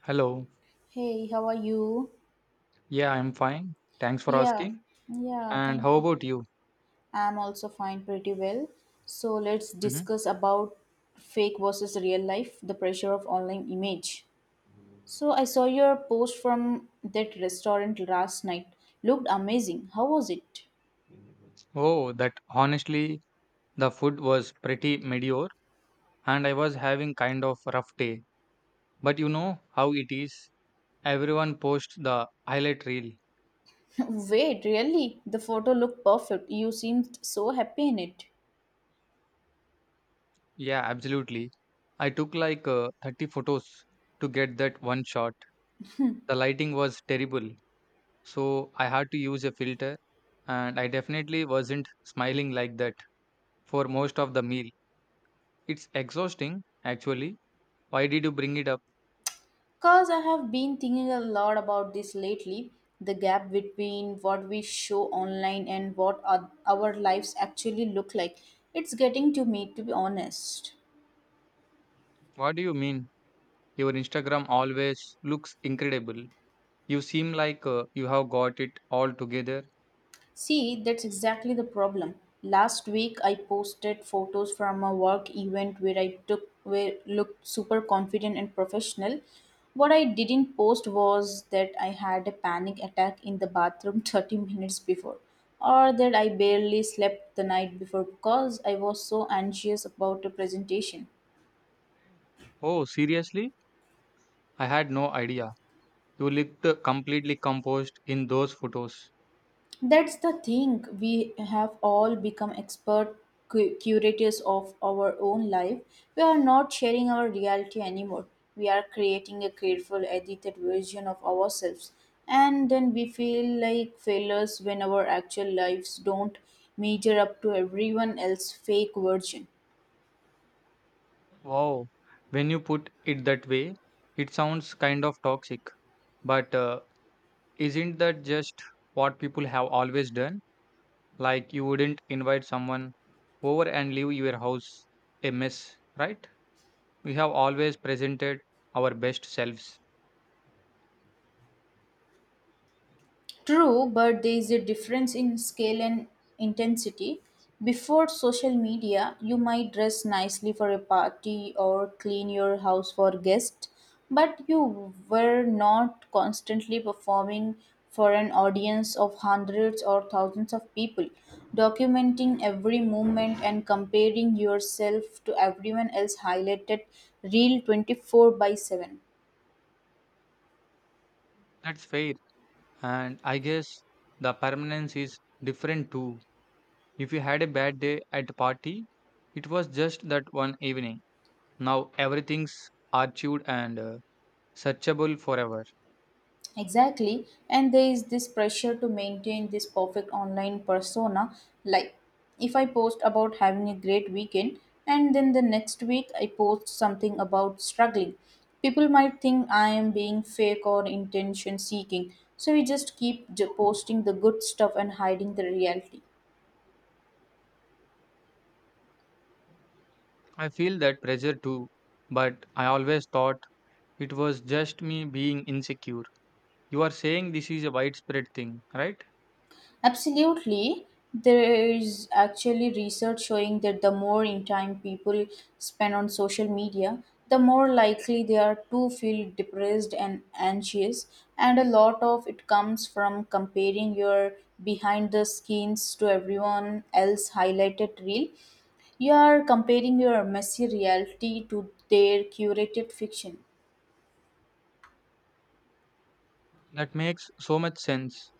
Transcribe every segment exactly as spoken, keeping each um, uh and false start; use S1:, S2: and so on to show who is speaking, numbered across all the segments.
S1: Hello.
S2: Hey, how are you?
S1: Yeah, I'm fine. Thanks for
S2: Yeah,
S1: asking.
S2: yeah,
S1: And how
S2: thank you.
S1: about you?
S2: I'm also fine, pretty well. So let's
S1: hmm
S2: discuss about fake versus real life, the pressure of online image. So I saw your post from that restaurant last night. Looked amazing. How was it?
S1: Oh, that honestly, the food was pretty mediocre and I was having kind of rough day. But you know how it is. Everyone posts the highlight reel.
S2: Wait, really? The photo looked perfect. You seemed so happy in it.
S1: Yeah, absolutely. I took like uh, thirty photos to get that one shot. The lighting was terrible, so I had to use a filter and I definitely wasn't smiling like that for most of the meal. It's exhausting, actually. Why did you bring it up?
S2: Because I have been thinking a lot about this lately, the gap between what we show online and what our our lives actually look like. It's getting to me, to be honest.
S1: What do you mean? Your Instagram always looks incredible. You seem like uh, you have got it all together.
S2: See, that's exactly the problem. Last week I posted photos from a work event where I took where looked super confident and professional. What I didn't post was that I had a panic attack in the bathroom thirty minutes before, or that I barely slept the night before because I was so anxious about a presentation.
S1: Oh, seriously? I had no idea. You looked completely composed in those photos.
S2: That's the thing. We have all become expert cu- curators of our own life. We are not sharing our reality anymore. We are creating a careful, edited version of ourselves. And then we feel like failures when our actual lives don't measure up to everyone else's fake version.
S1: Wow. When you put it that way, it sounds kind of toxic. But uh, isn't that just what people have always done? Like you wouldn't invite someone over and leave your house a mess, right? We have always presented our best selves.
S2: True, but there is a difference in scale and intensity. Before social media, you might dress nicely for a party or clean your house for guests, but you were not constantly performing for an audience of hundreds or thousands of people. Documenting every movement and comparing yourself to everyone else highlighted real twenty-four by seven.
S1: That's fair. And I guess the permanence is different too. If you had a bad day at the party, it was just that one evening. Now everything's archived and uh, searchable forever.
S2: Exactly. And there is this pressure to maintain this perfect online persona. Like, if I post about having a great weekend and then the next week I post something about struggling, people might think I am being fake or intention seeking. So we just keep j- posting the good stuff and hiding the reality.
S1: I feel that pressure too, but I always thought it was just me being insecure. You are saying this is a widespread thing, right?
S2: Absolutely. There is actually research showing that the more in time people spend on social media, the more likely they are to feel depressed and anxious. And a lot of it comes from comparing your behind the scenes to everyone else highlighted reel. You are comparing your messy reality to their curated fiction.
S1: That makes so much sense.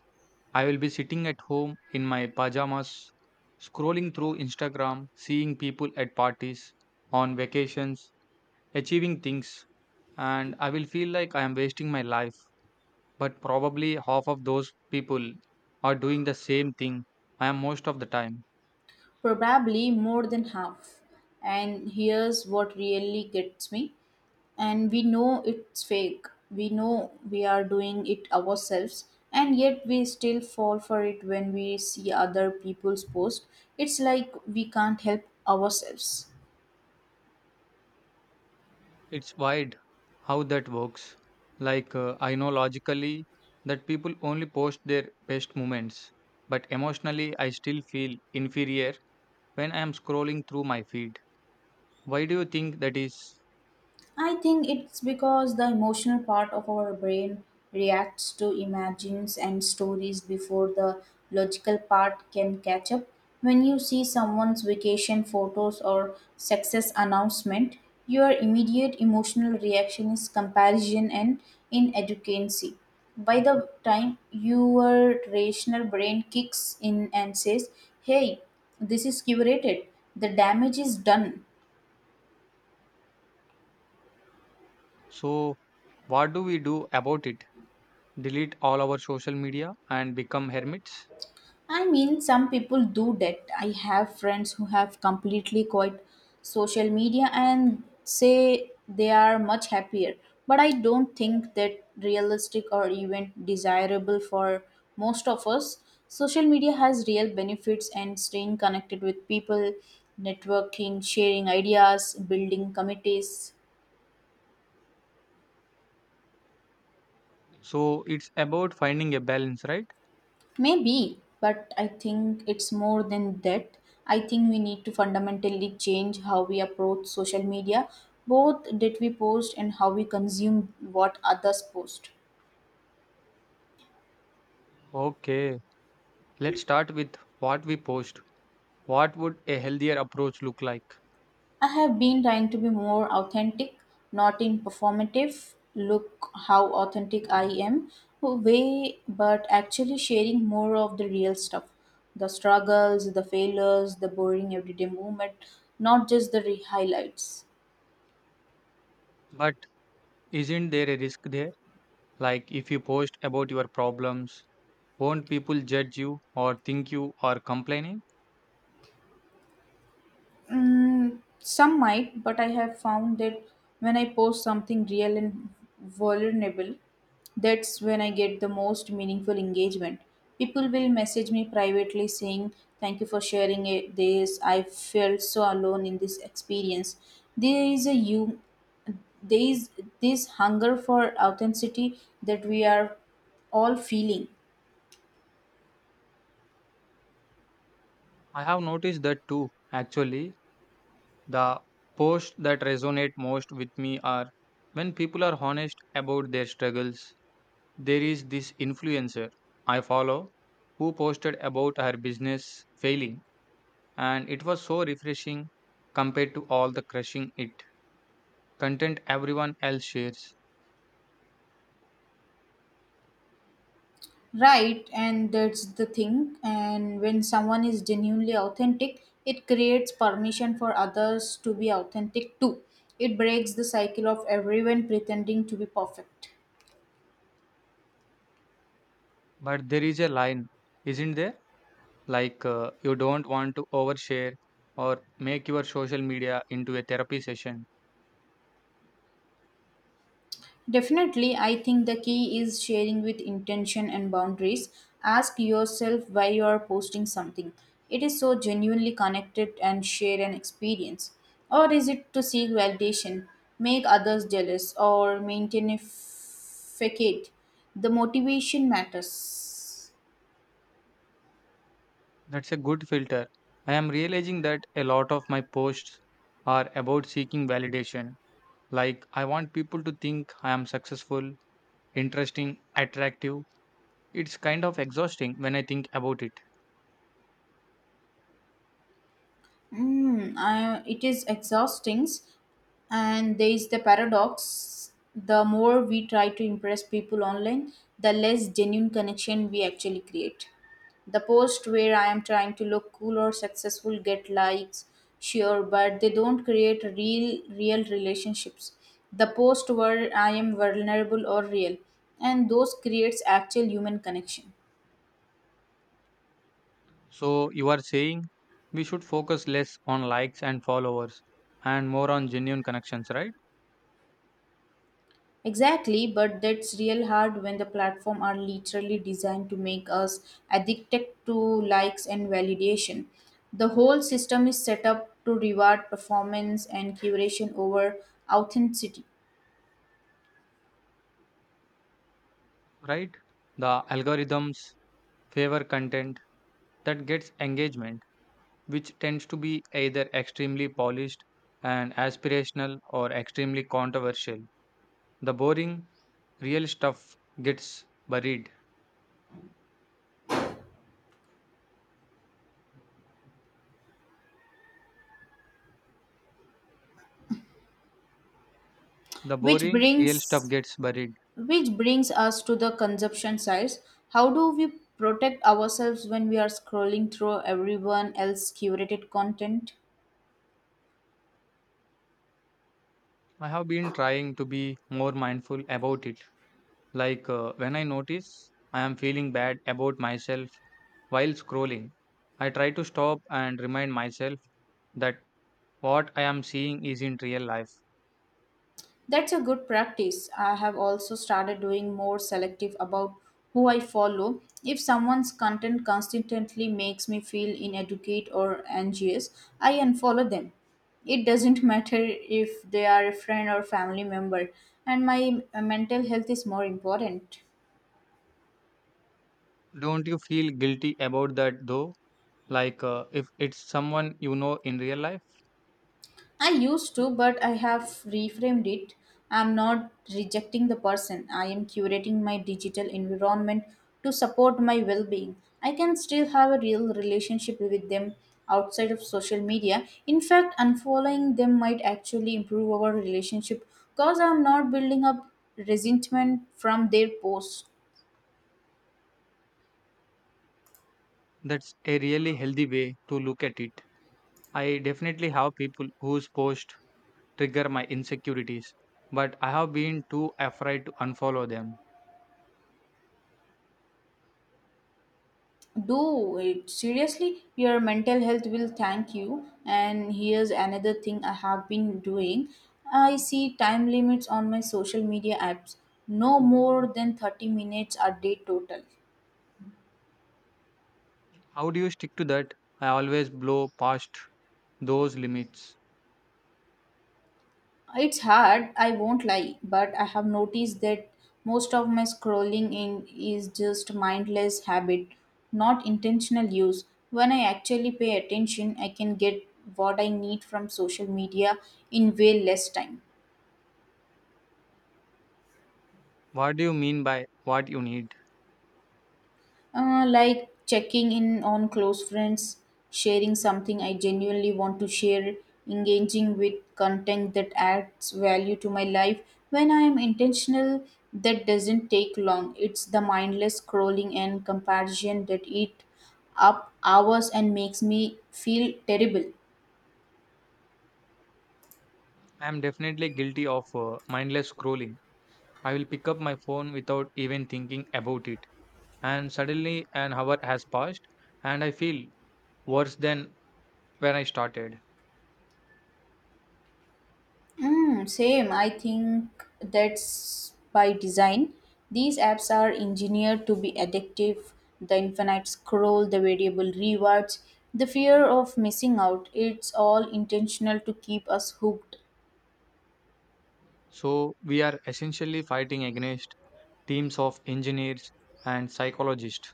S1: I will be sitting at home in my pajamas, scrolling through Instagram, seeing people at parties, on vacations, achieving things, and I will feel like I am wasting my life. But probably half of those people are doing the same thing I am most of the time.
S2: Probably more than half. And here's what really gets me. And we know it's fake. We know we are doing it ourselves. And yet we still fall for it when we see other people's posts. It's like we can't help ourselves.
S1: It's wild how that works. Like, uh, I know logically that people only post their best moments, but emotionally, I still feel inferior when I am scrolling through my feed. Why do you think that is?
S2: I think it's because the emotional part of our brain reacts to images and stories before the logical part can catch up. When you see someone's vacation photos or success announcement, your immediate emotional reaction is comparison and inadequacy. By the time your rational brain kicks in and says, hey, this is curated, the damage is done.
S1: So, what do we do about it? Delete all our social media and become hermits?
S2: I mean, some people do that. I have friends who have completely quit social media and say they are much happier. But I don't think that realistic or even desirable for most of us. Social media has real benefits and staying connected with people, networking, sharing ideas, building committees.
S1: So, it's about finding a balance, right?
S2: Maybe, but I think it's more than that. I think we need to fundamentally change how we approach social media, both that we post and how we consume what others post.
S1: Okay, let's start with what we post. What would a healthier approach look like?
S2: I have been trying to be more authentic, not in performative, look how authentic I am way, but actually sharing more of the real stuff, the struggles, the failures, the boring everyday moment, not just the re- highlights.
S1: But isn't there a risk there? Like, if you post about your problems, won't people judge you or think you are complaining?
S2: Mm, some might, but I have found that when I post something real and vulnerable, that's when I get the most meaningful engagement. People will message me privately saying, thank you for sharing it, this. I felt so alone in this experience. There is a you, there is this hunger for authenticity that we are all feeling.
S1: I have noticed that too, actually. The posts that resonate most with me are when people are honest about their struggles. There is this influencer I follow who posted about her business failing, and it was so refreshing compared to all the crushing it content everyone else shares.
S2: Right, and that's the thing. And when someone is genuinely authentic, it creates permission for others to be authentic too. It breaks the cycle of everyone pretending to be perfect.
S1: But there is a line, isn't there? Like, uh, you don't want to overshare or make your social media into a therapy session.
S2: Definitely, I think the key is sharing with intention and boundaries. Ask yourself why you are posting something. It is so genuinely connected and share an experience. Or is it to seek validation, make others jealous, or maintain a f- facade? The motivation matters.
S1: That's a good filter. I am realizing that a lot of my posts are about seeking validation. Like, I want people to think I am successful, interesting, attractive. It's kind of exhausting when I think about it.
S2: Mm, I, it is exhausting, and there is the paradox. The more we try to impress people online, the less genuine connection we actually create. The post where I am trying to look cool or successful get likes, sure, but they don't create real, real relationships. The post where I am vulnerable or real, and those creates actual human connection.
S1: So, you are saying we should focus less on likes and followers and more on genuine connections, right?
S2: Exactly, but that's real hard when the platform are literally designed to make us addicted to likes and validation. The whole system is set up to reward performance and curation over authenticity.
S1: Right? The algorithms favor content that gets engagement, which tends to be either extremely polished and aspirational or extremely controversial. The boring, real stuff gets buried. The
S2: which
S1: boring, real stuff
S2: brings
S1: gets buried.
S2: which brings us to the consumption sides. How do we protect ourselves when we are scrolling through everyone else's curated content?
S1: I have been trying to be more mindful about it. Like uh, when I notice I am feeling bad about myself while scrolling, I try to stop and remind myself that what I am seeing is in real life.
S2: That's a good practice. I have also started doing more selective about who I follow. If someone's content constantly makes me feel inadequate or anxious, I unfollow them. It doesn't matter if they are a friend or family member, and my uh, mental health is more important.
S1: Don't you feel guilty about that though? Like uh, if it's someone you know in real life,
S2: I used to, but I have reframed it. I'm not rejecting the person. I am curating my digital environment to support my well being. I can still have a real relationship with them outside of social media. In fact, unfollowing them might actually improve our relationship because I'm not building up resentment from their posts.
S1: that's a really healthy way to look at it. I definitely have people whose posts trigger my insecurities, but I have been too afraid to unfollow them.
S2: Do it, seriously, your mental health will thank you. And here's another thing I have been doing, I see time limits on my social media apps, no more than thirty minutes a day total.
S1: How do you stick to that? I always blow past those limits.
S2: It's hard, I won't lie, but I have noticed that most of my scrolling in is just mindless habit, not intentional use. When I actually pay attention I can get what I need from social media in way less time.
S1: What do you mean by what you need?
S2: Uh, like checking in on close friends, sharing something I genuinely want to share, engaging with content that adds value to my life. When I am intentional, that doesn't take long. It's the mindless scrolling and comparison that eat up hours and makes me feel terrible.
S1: I am definitely guilty of uh, mindless scrolling. I will pick up my phone without even thinking about it, and suddenly an hour has passed, and I feel worse than where I started.
S2: Mm, same. I think that's by design. These apps are engineered to be addictive. The infinite scroll, the variable rewards, the fear of missing out. It's all intentional to keep us hooked.
S1: So, we are essentially fighting against teams of engineers and psychologists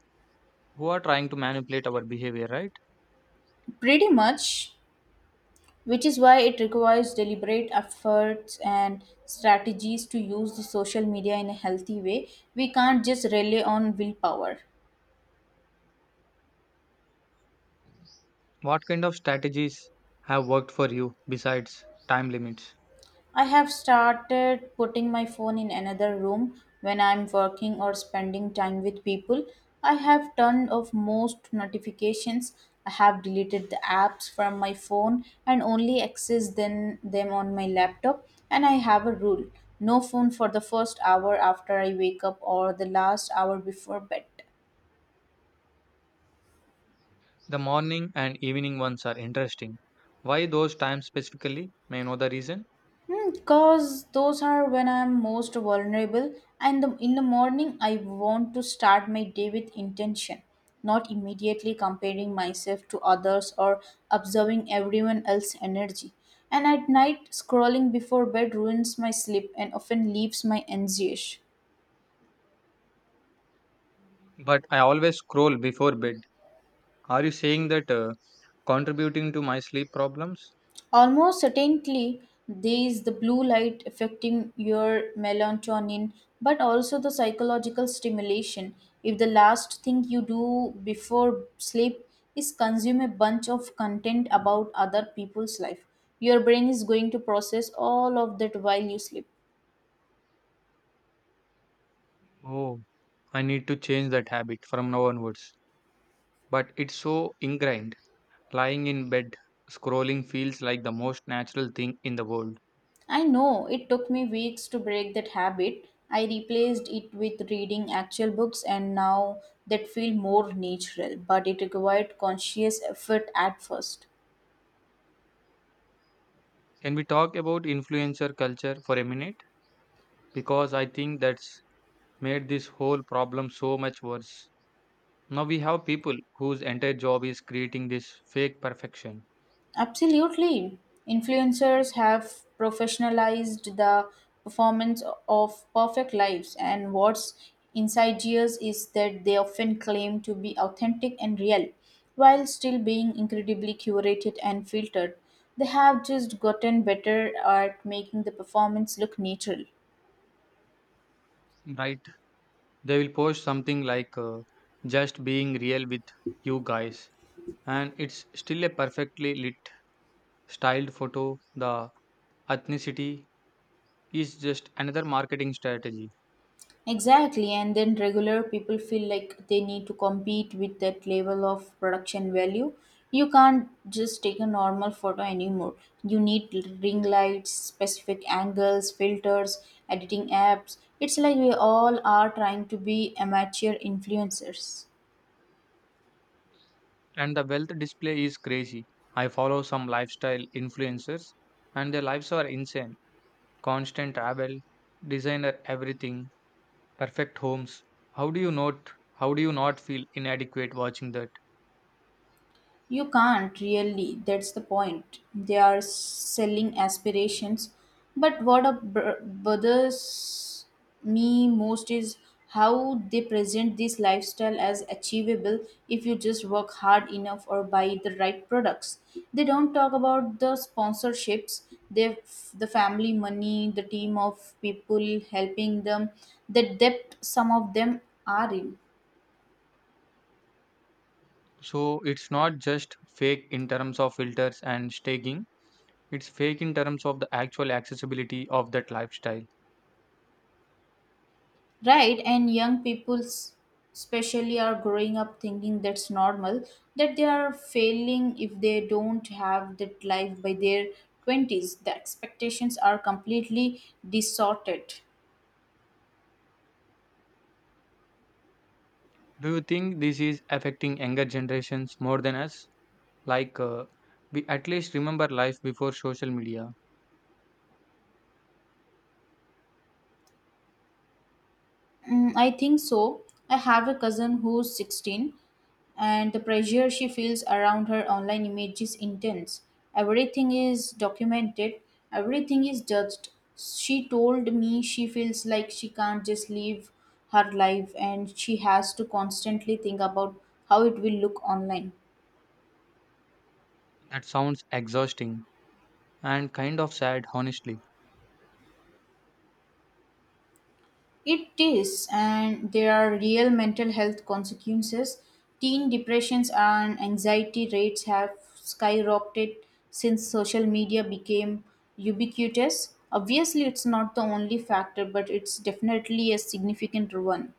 S1: who are trying to manipulate our behavior, right?
S2: Pretty much, which is why it requires deliberate efforts and strategies to use the social media in a healthy way. We can't just rely on willpower.
S1: What kind of strategies have worked for you besides time limits?
S2: I have started putting my phone in another room when I'm working or spending time with people. I have turned off most notifications. I have deleted the apps from my phone and only access then them on my laptop. And I have a rule, no phone for the first hour after I wake up or the last hour before bed.
S1: The morning and evening ones are interesting. Why those times specifically? May I know the reason?
S2: Because those are when I'm most vulnerable, and the, in the morning, I want to start my day with intention, not immediately comparing myself to others or observing everyone else's energy. And at night, scrolling before bed ruins my sleep and often leaves my anxious.
S1: But I always scroll before bed. Are you saying that uh, contributing to my sleep problems?
S2: Almost certainly, there is the blue light affecting your melatonin, but also the psychological stimulation. If the last thing you do before sleep is consume a bunch of content about other people's life, your brain is going to process all of that while you sleep.
S1: Oh, I need to change that habit from now onwards. But it's so ingrained. Lying in bed, scrolling feels like the most natural thing in the world.
S2: I know, it took me weeks to break that habit. I replaced it with reading actual books and now that feel more natural, but it required conscious effort at first.
S1: Can we talk about influencer culture for a minute? Because I think that's made this whole problem so much worse. Now we have people whose entire job is creating this fake perfection,
S2: Absolutely. Influencers have professionalized the performance of perfect lives, and what's insidious is that they often claim to be authentic and real while still being incredibly curated and filtered. They have just gotten better at making the performance look natural.
S1: right? They will post something like uh, just being real with you guys, and it's still a perfectly lit, styled photo. The ethnicity is just another marketing strategy
S2: Exactly, and then regular people feel like they need to compete with that level of production value. You can't just take a normal photo anymore. You need ring lights, specific angles, filters, editing apps. It's like we all are trying to be amateur influencers.
S1: and the wealth display is crazy. I follow some lifestyle influencers and their lives are insane. Constant travel, designer everything, perfect homes. How do you not how do you not feel inadequate watching that?
S2: You can't really, that's the point. They are selling aspirations. But what ab- bothers me most is how they present this lifestyle as achievable if you just work hard enough or buy the right products. They don't talk about the sponsorships, they the family money, the team of people helping them, the debt some of them are in.
S1: So it's not just fake in terms of filters and staging, it's fake in terms of the actual accessibility of that lifestyle.
S2: Right, and young people, s- especially, are growing up thinking that's normal, that they are failing if they don't have that life by their twenties. The expectations are completely distorted.
S1: Do you think this is affecting younger generations more than us? Like uh, we at least remember life before social media.
S2: Mm, I think so. I have a cousin who's sixteen, and the pressure she feels around her online image is intense. Everything is documented, everything is judged. She told me she feels like she can't just live her life and she has to constantly think about how it will look online.
S1: That sounds exhausting, and kind of sad, honestly.
S2: It is, and there are real mental health consequences. Teen depressions and anxiety rates have skyrocketed since social media became ubiquitous. Obviously, it's not the only factor, but it's definitely a significant one.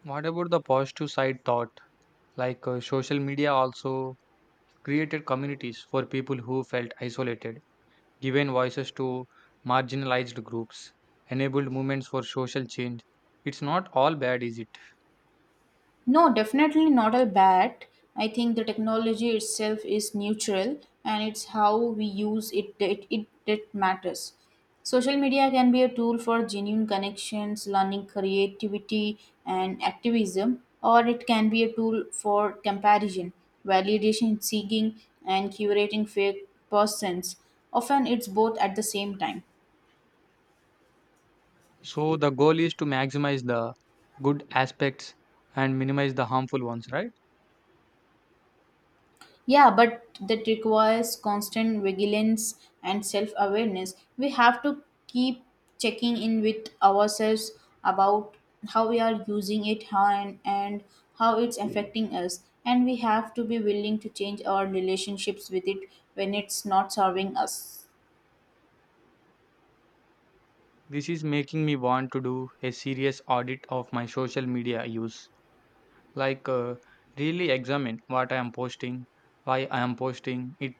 S1: What about the positive side thought? Like uh, social media also created communities for people who felt isolated, given voices to marginalized groups, enabled movements for social change. It's not all bad, is it?
S2: No, definitely not a bad. I think the technology itself is neutral and it's how we use it that it that matters. Social media can be a tool for genuine connections, learning, creativity, and activism, or it can be a tool for comparison, validation seeking, and curating fake persons. Often it's both at the same time.
S1: So the goal is to maximize the good aspects and minimize the harmful ones, right?
S2: Yeah, but that requires constant vigilance and self awareness. We have to keep checking in with ourselves about how we are using it how and, and how it's affecting us. And we have to be willing to change our relationships with it when it's not serving us.
S1: This is making me want to do a serious audit of my social media use. Like, uh, Really examine what I am posting, why I am posting it,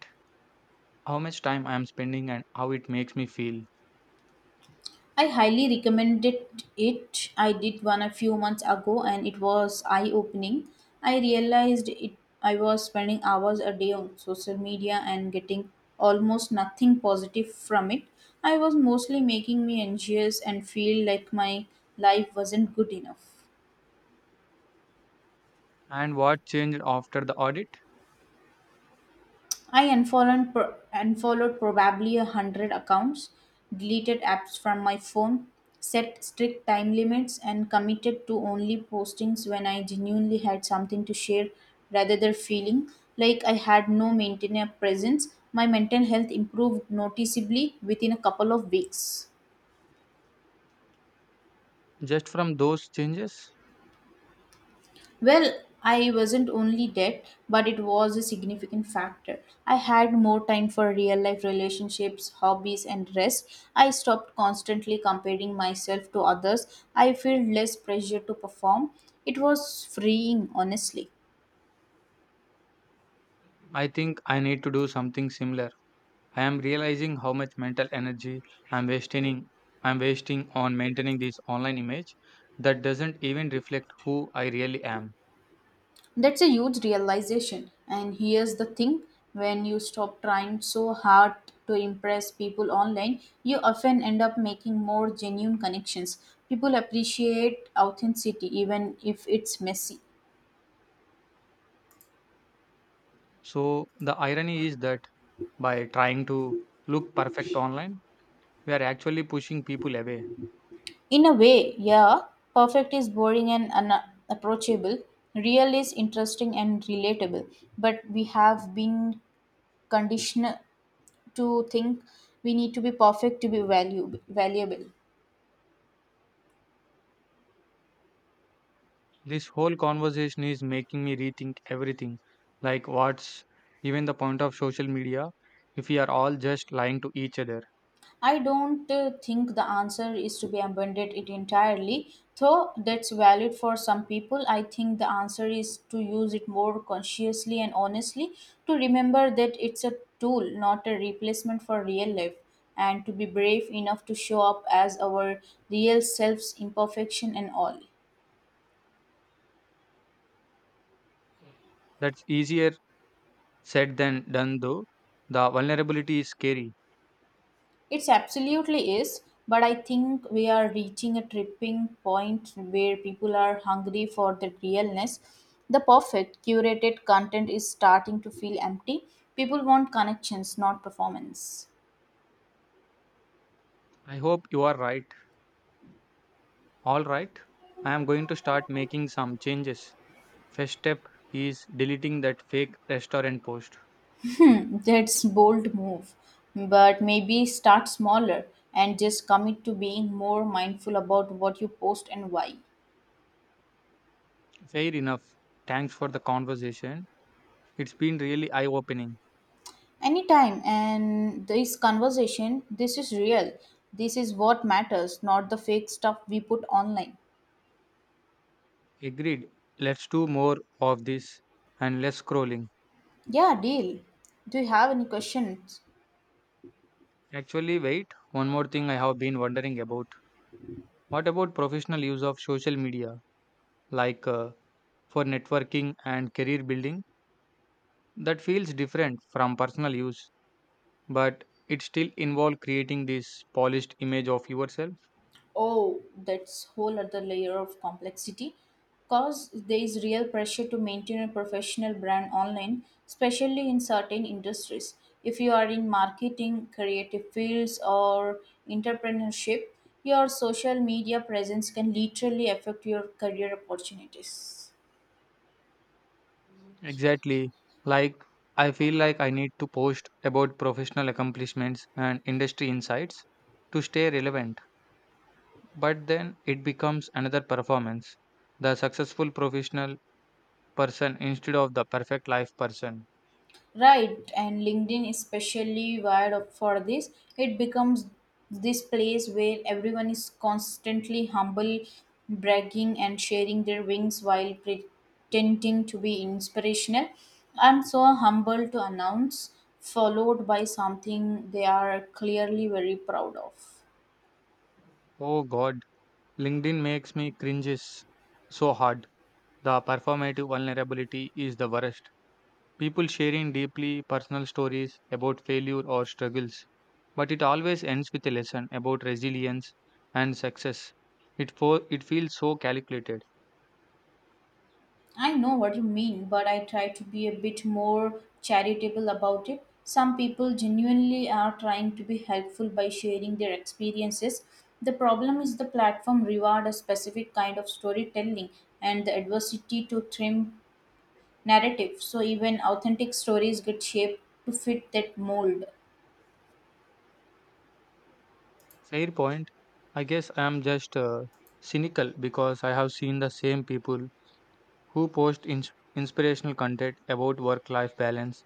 S1: how much time I am spending, and how it makes me feel,
S2: I highly recommended it. I did one a few months ago and it was eye opening. I realized it I was spending hours a day on social media and getting almost nothing positive from it. I was mostly making me anxious and feel like my life wasn't good enough.
S1: and what changed after the audit.
S2: I unfollowed, pro- unfollowed probably a hundred accounts, deleted apps from my phone, set strict time limits, and committed to only postings when I genuinely had something to share rather than feeling like I had no maintainer presence. My mental health improved noticeably within a couple of weeks.
S1: Just from those changes,
S2: Well, I wasn't only debt, but it was a significant factor. I had more time for real life relationships, hobbies, and rest. I stopped constantly comparing myself to others. I felt less pressure to perform. It was freeing, honestly.
S1: I think I need to do something similar. I am realizing how much mental energy I'm wasting I'm wasting on maintaining this online image that doesn't even reflect who I really am.
S2: That's a huge realization. And here's the thing, when you stop trying so hard to impress people online, you often end up making more genuine connections. People appreciate authenticity, even if it's messy.
S1: So the irony is that by trying to look perfect online, we are actually pushing people away.
S2: In a way, yeah, perfect is boring and unapproachable, real is interesting and relatable. But we have been conditioned to think we need to be perfect to be value, valuable.
S1: This whole conversation is making me rethink everything. Like, what's even the point of social media if we are all just lying to each other?
S2: I don't uh, think the answer is to be abandoned it entirely, though that's valid for some people. I think the answer is to use it more consciously and honestly, to remember that it's a tool, not a replacement for real life, and to be brave enough to show up as our real selves, imperfection and all.
S1: That's easier said than done, though. The vulnerability is scary.
S2: It's absolutely is, but I think we are reaching a tripping point where people are hungry for the realness. The perfect curated content is starting to feel empty. People want connections, not performance.
S1: I hope you are right. All right. I am going to start making some changes. First step is deleting that fake restaurant post.
S2: Hmm, That's bold move, but maybe start smaller and just commit to being more mindful about what you post and why.
S1: Fair enough. Thanks for the conversation. It's been really eye opening.
S2: Anytime, and this conversation, this is real. This is what matters, not the fake stuff we put online.
S1: Agreed. Let's do more of this and less scrolling.
S2: Yeah, deal. Do you have any questions?
S1: Actually, wait, one more thing I have been wondering about. What about professional use of social media, like uh, for networking and career building? That feels different from personal use, but it still involves creating this polished image of yourself.
S2: Oh, that's whole other layer of complexity. Cause there is real pressure to maintain a professional brand online, especially in certain industries. If you are in marketing, creative fields, or entrepreneurship, your social media presence can literally affect your career opportunities.
S1: Exactly. Like, I feel like I need to post about professional accomplishments and industry insights to stay relevant, but then it becomes another performance. The successful professional person instead of the perfect life person.
S2: Right, and LinkedIn is specially wired up for this. It becomes this place where everyone is constantly humble, bragging, and sharing their wings while pretending to be inspirational. I'm so humble to announce, followed by something they are clearly very proud of.
S1: Oh God, LinkedIn makes me cringes so hard. The performative vulnerability is the worst. People sharing deeply personal stories about failure or struggles, but it always ends with a lesson about resilience and success. It fo- it feels so calculated.
S2: I know what you mean, but I try to be a bit more charitable about it. Some people genuinely are trying to be helpful by sharing their experiences. The problem is the platform reward a specific kind of storytelling and the adversity to trim narrative. So even authentic stories get shaped to fit that mold.
S1: Fair point. I guess I am just uh, cynical because I have seen the same people who post ins inspirational content about work-life balance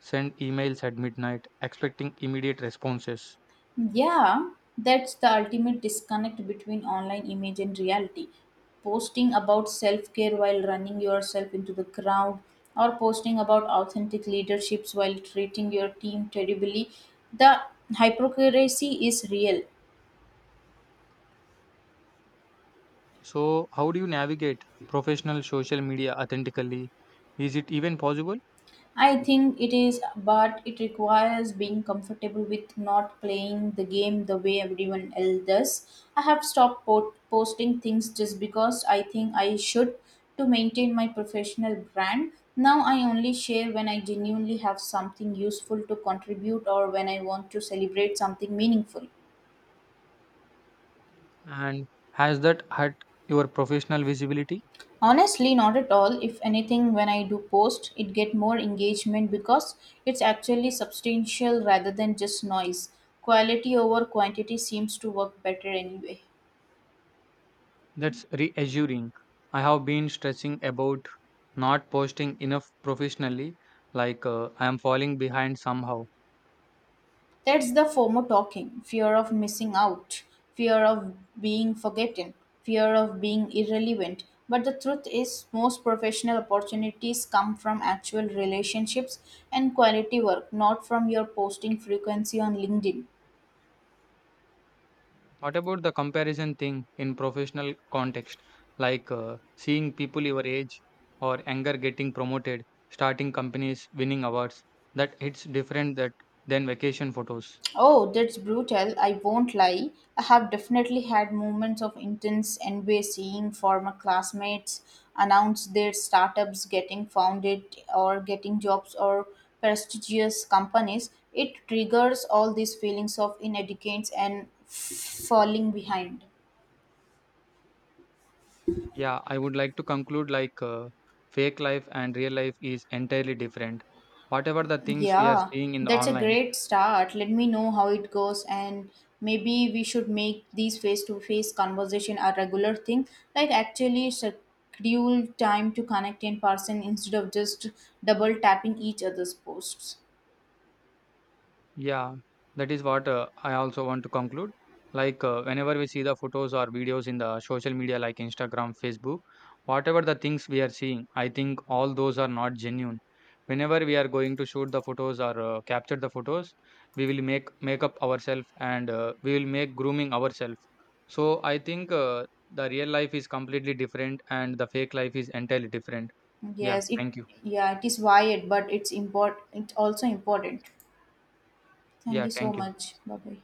S1: send emails at midnight expecting immediate responses.
S2: Yeah, that's the ultimate disconnect between online image and reality. Posting about self care while running yourself into the ground, or posting about authentic leaderships while treating your team terribly. The hypocrisy is real.
S1: So, how do you navigate professional social media authentically? Is it even possible?
S2: I think it is, but it requires being comfortable with not playing the game the way everyone else does. I have stopped po- posting things just because I think I should to maintain my professional brand. Now I only share when I genuinely have something useful to contribute or when I want to celebrate something meaningful.
S1: And has that hurt your professional visibility?
S2: Honestly, not at all. If anything, when I do post, it get more engagement because it's actually substantial rather than just noise. Quality over quantity seems to work better anyway.
S1: That's reassuring. I have been stressing about not posting enough professionally, like uh, I am falling behind somehow.
S2: That's the FOMO talking fear of missing out, fear of being forgotten, fear of being irrelevant. But the truth is, most professional opportunities come from actual relationships and quality work, not from your posting frequency on LinkedIn.
S1: What about the comparison thing in professional context, like uh, seeing people your age or younger getting promoted, starting companies, winning awards? That it's different that than vacation photos.
S2: Oh, that's brutal. I won't lie. I have definitely had moments of intense envy seeing former classmates announce their startups getting founded or getting jobs or prestigious companies. It triggers all these feelings of inadequacy and falling behind.
S1: Yeah, I would like to conclude like uh, fake life and real life is entirely different. Whatever the things we are
S2: Yeah,
S1: seeing in the
S2: that's a
S1: online,
S2: great start. Let me know how it goes, and maybe we should make these face-to-face conversation a regular thing, like actually schedule time to connect in person instead of just double tapping each other's posts.
S1: yeah, that is what uh, I also want to conclude. Like, uh, whenever we see the photos or videos in the social media, like Instagram, Facebook, whatever the things we are seeing, I think all those are not genuine. Whenever we are going to shoot the photos or uh, capture the photos, we will make make up ourselves and uh, we will make grooming ourselves. So I think uh, the real life is completely different and the fake life is entirely different. Yeah,
S2: Yes, it
S1: thank you.
S2: yeah, it is wired, but it's import it's also important. Thank
S1: Yeah,
S2: you so
S1: thank you.
S2: much. Bye bye.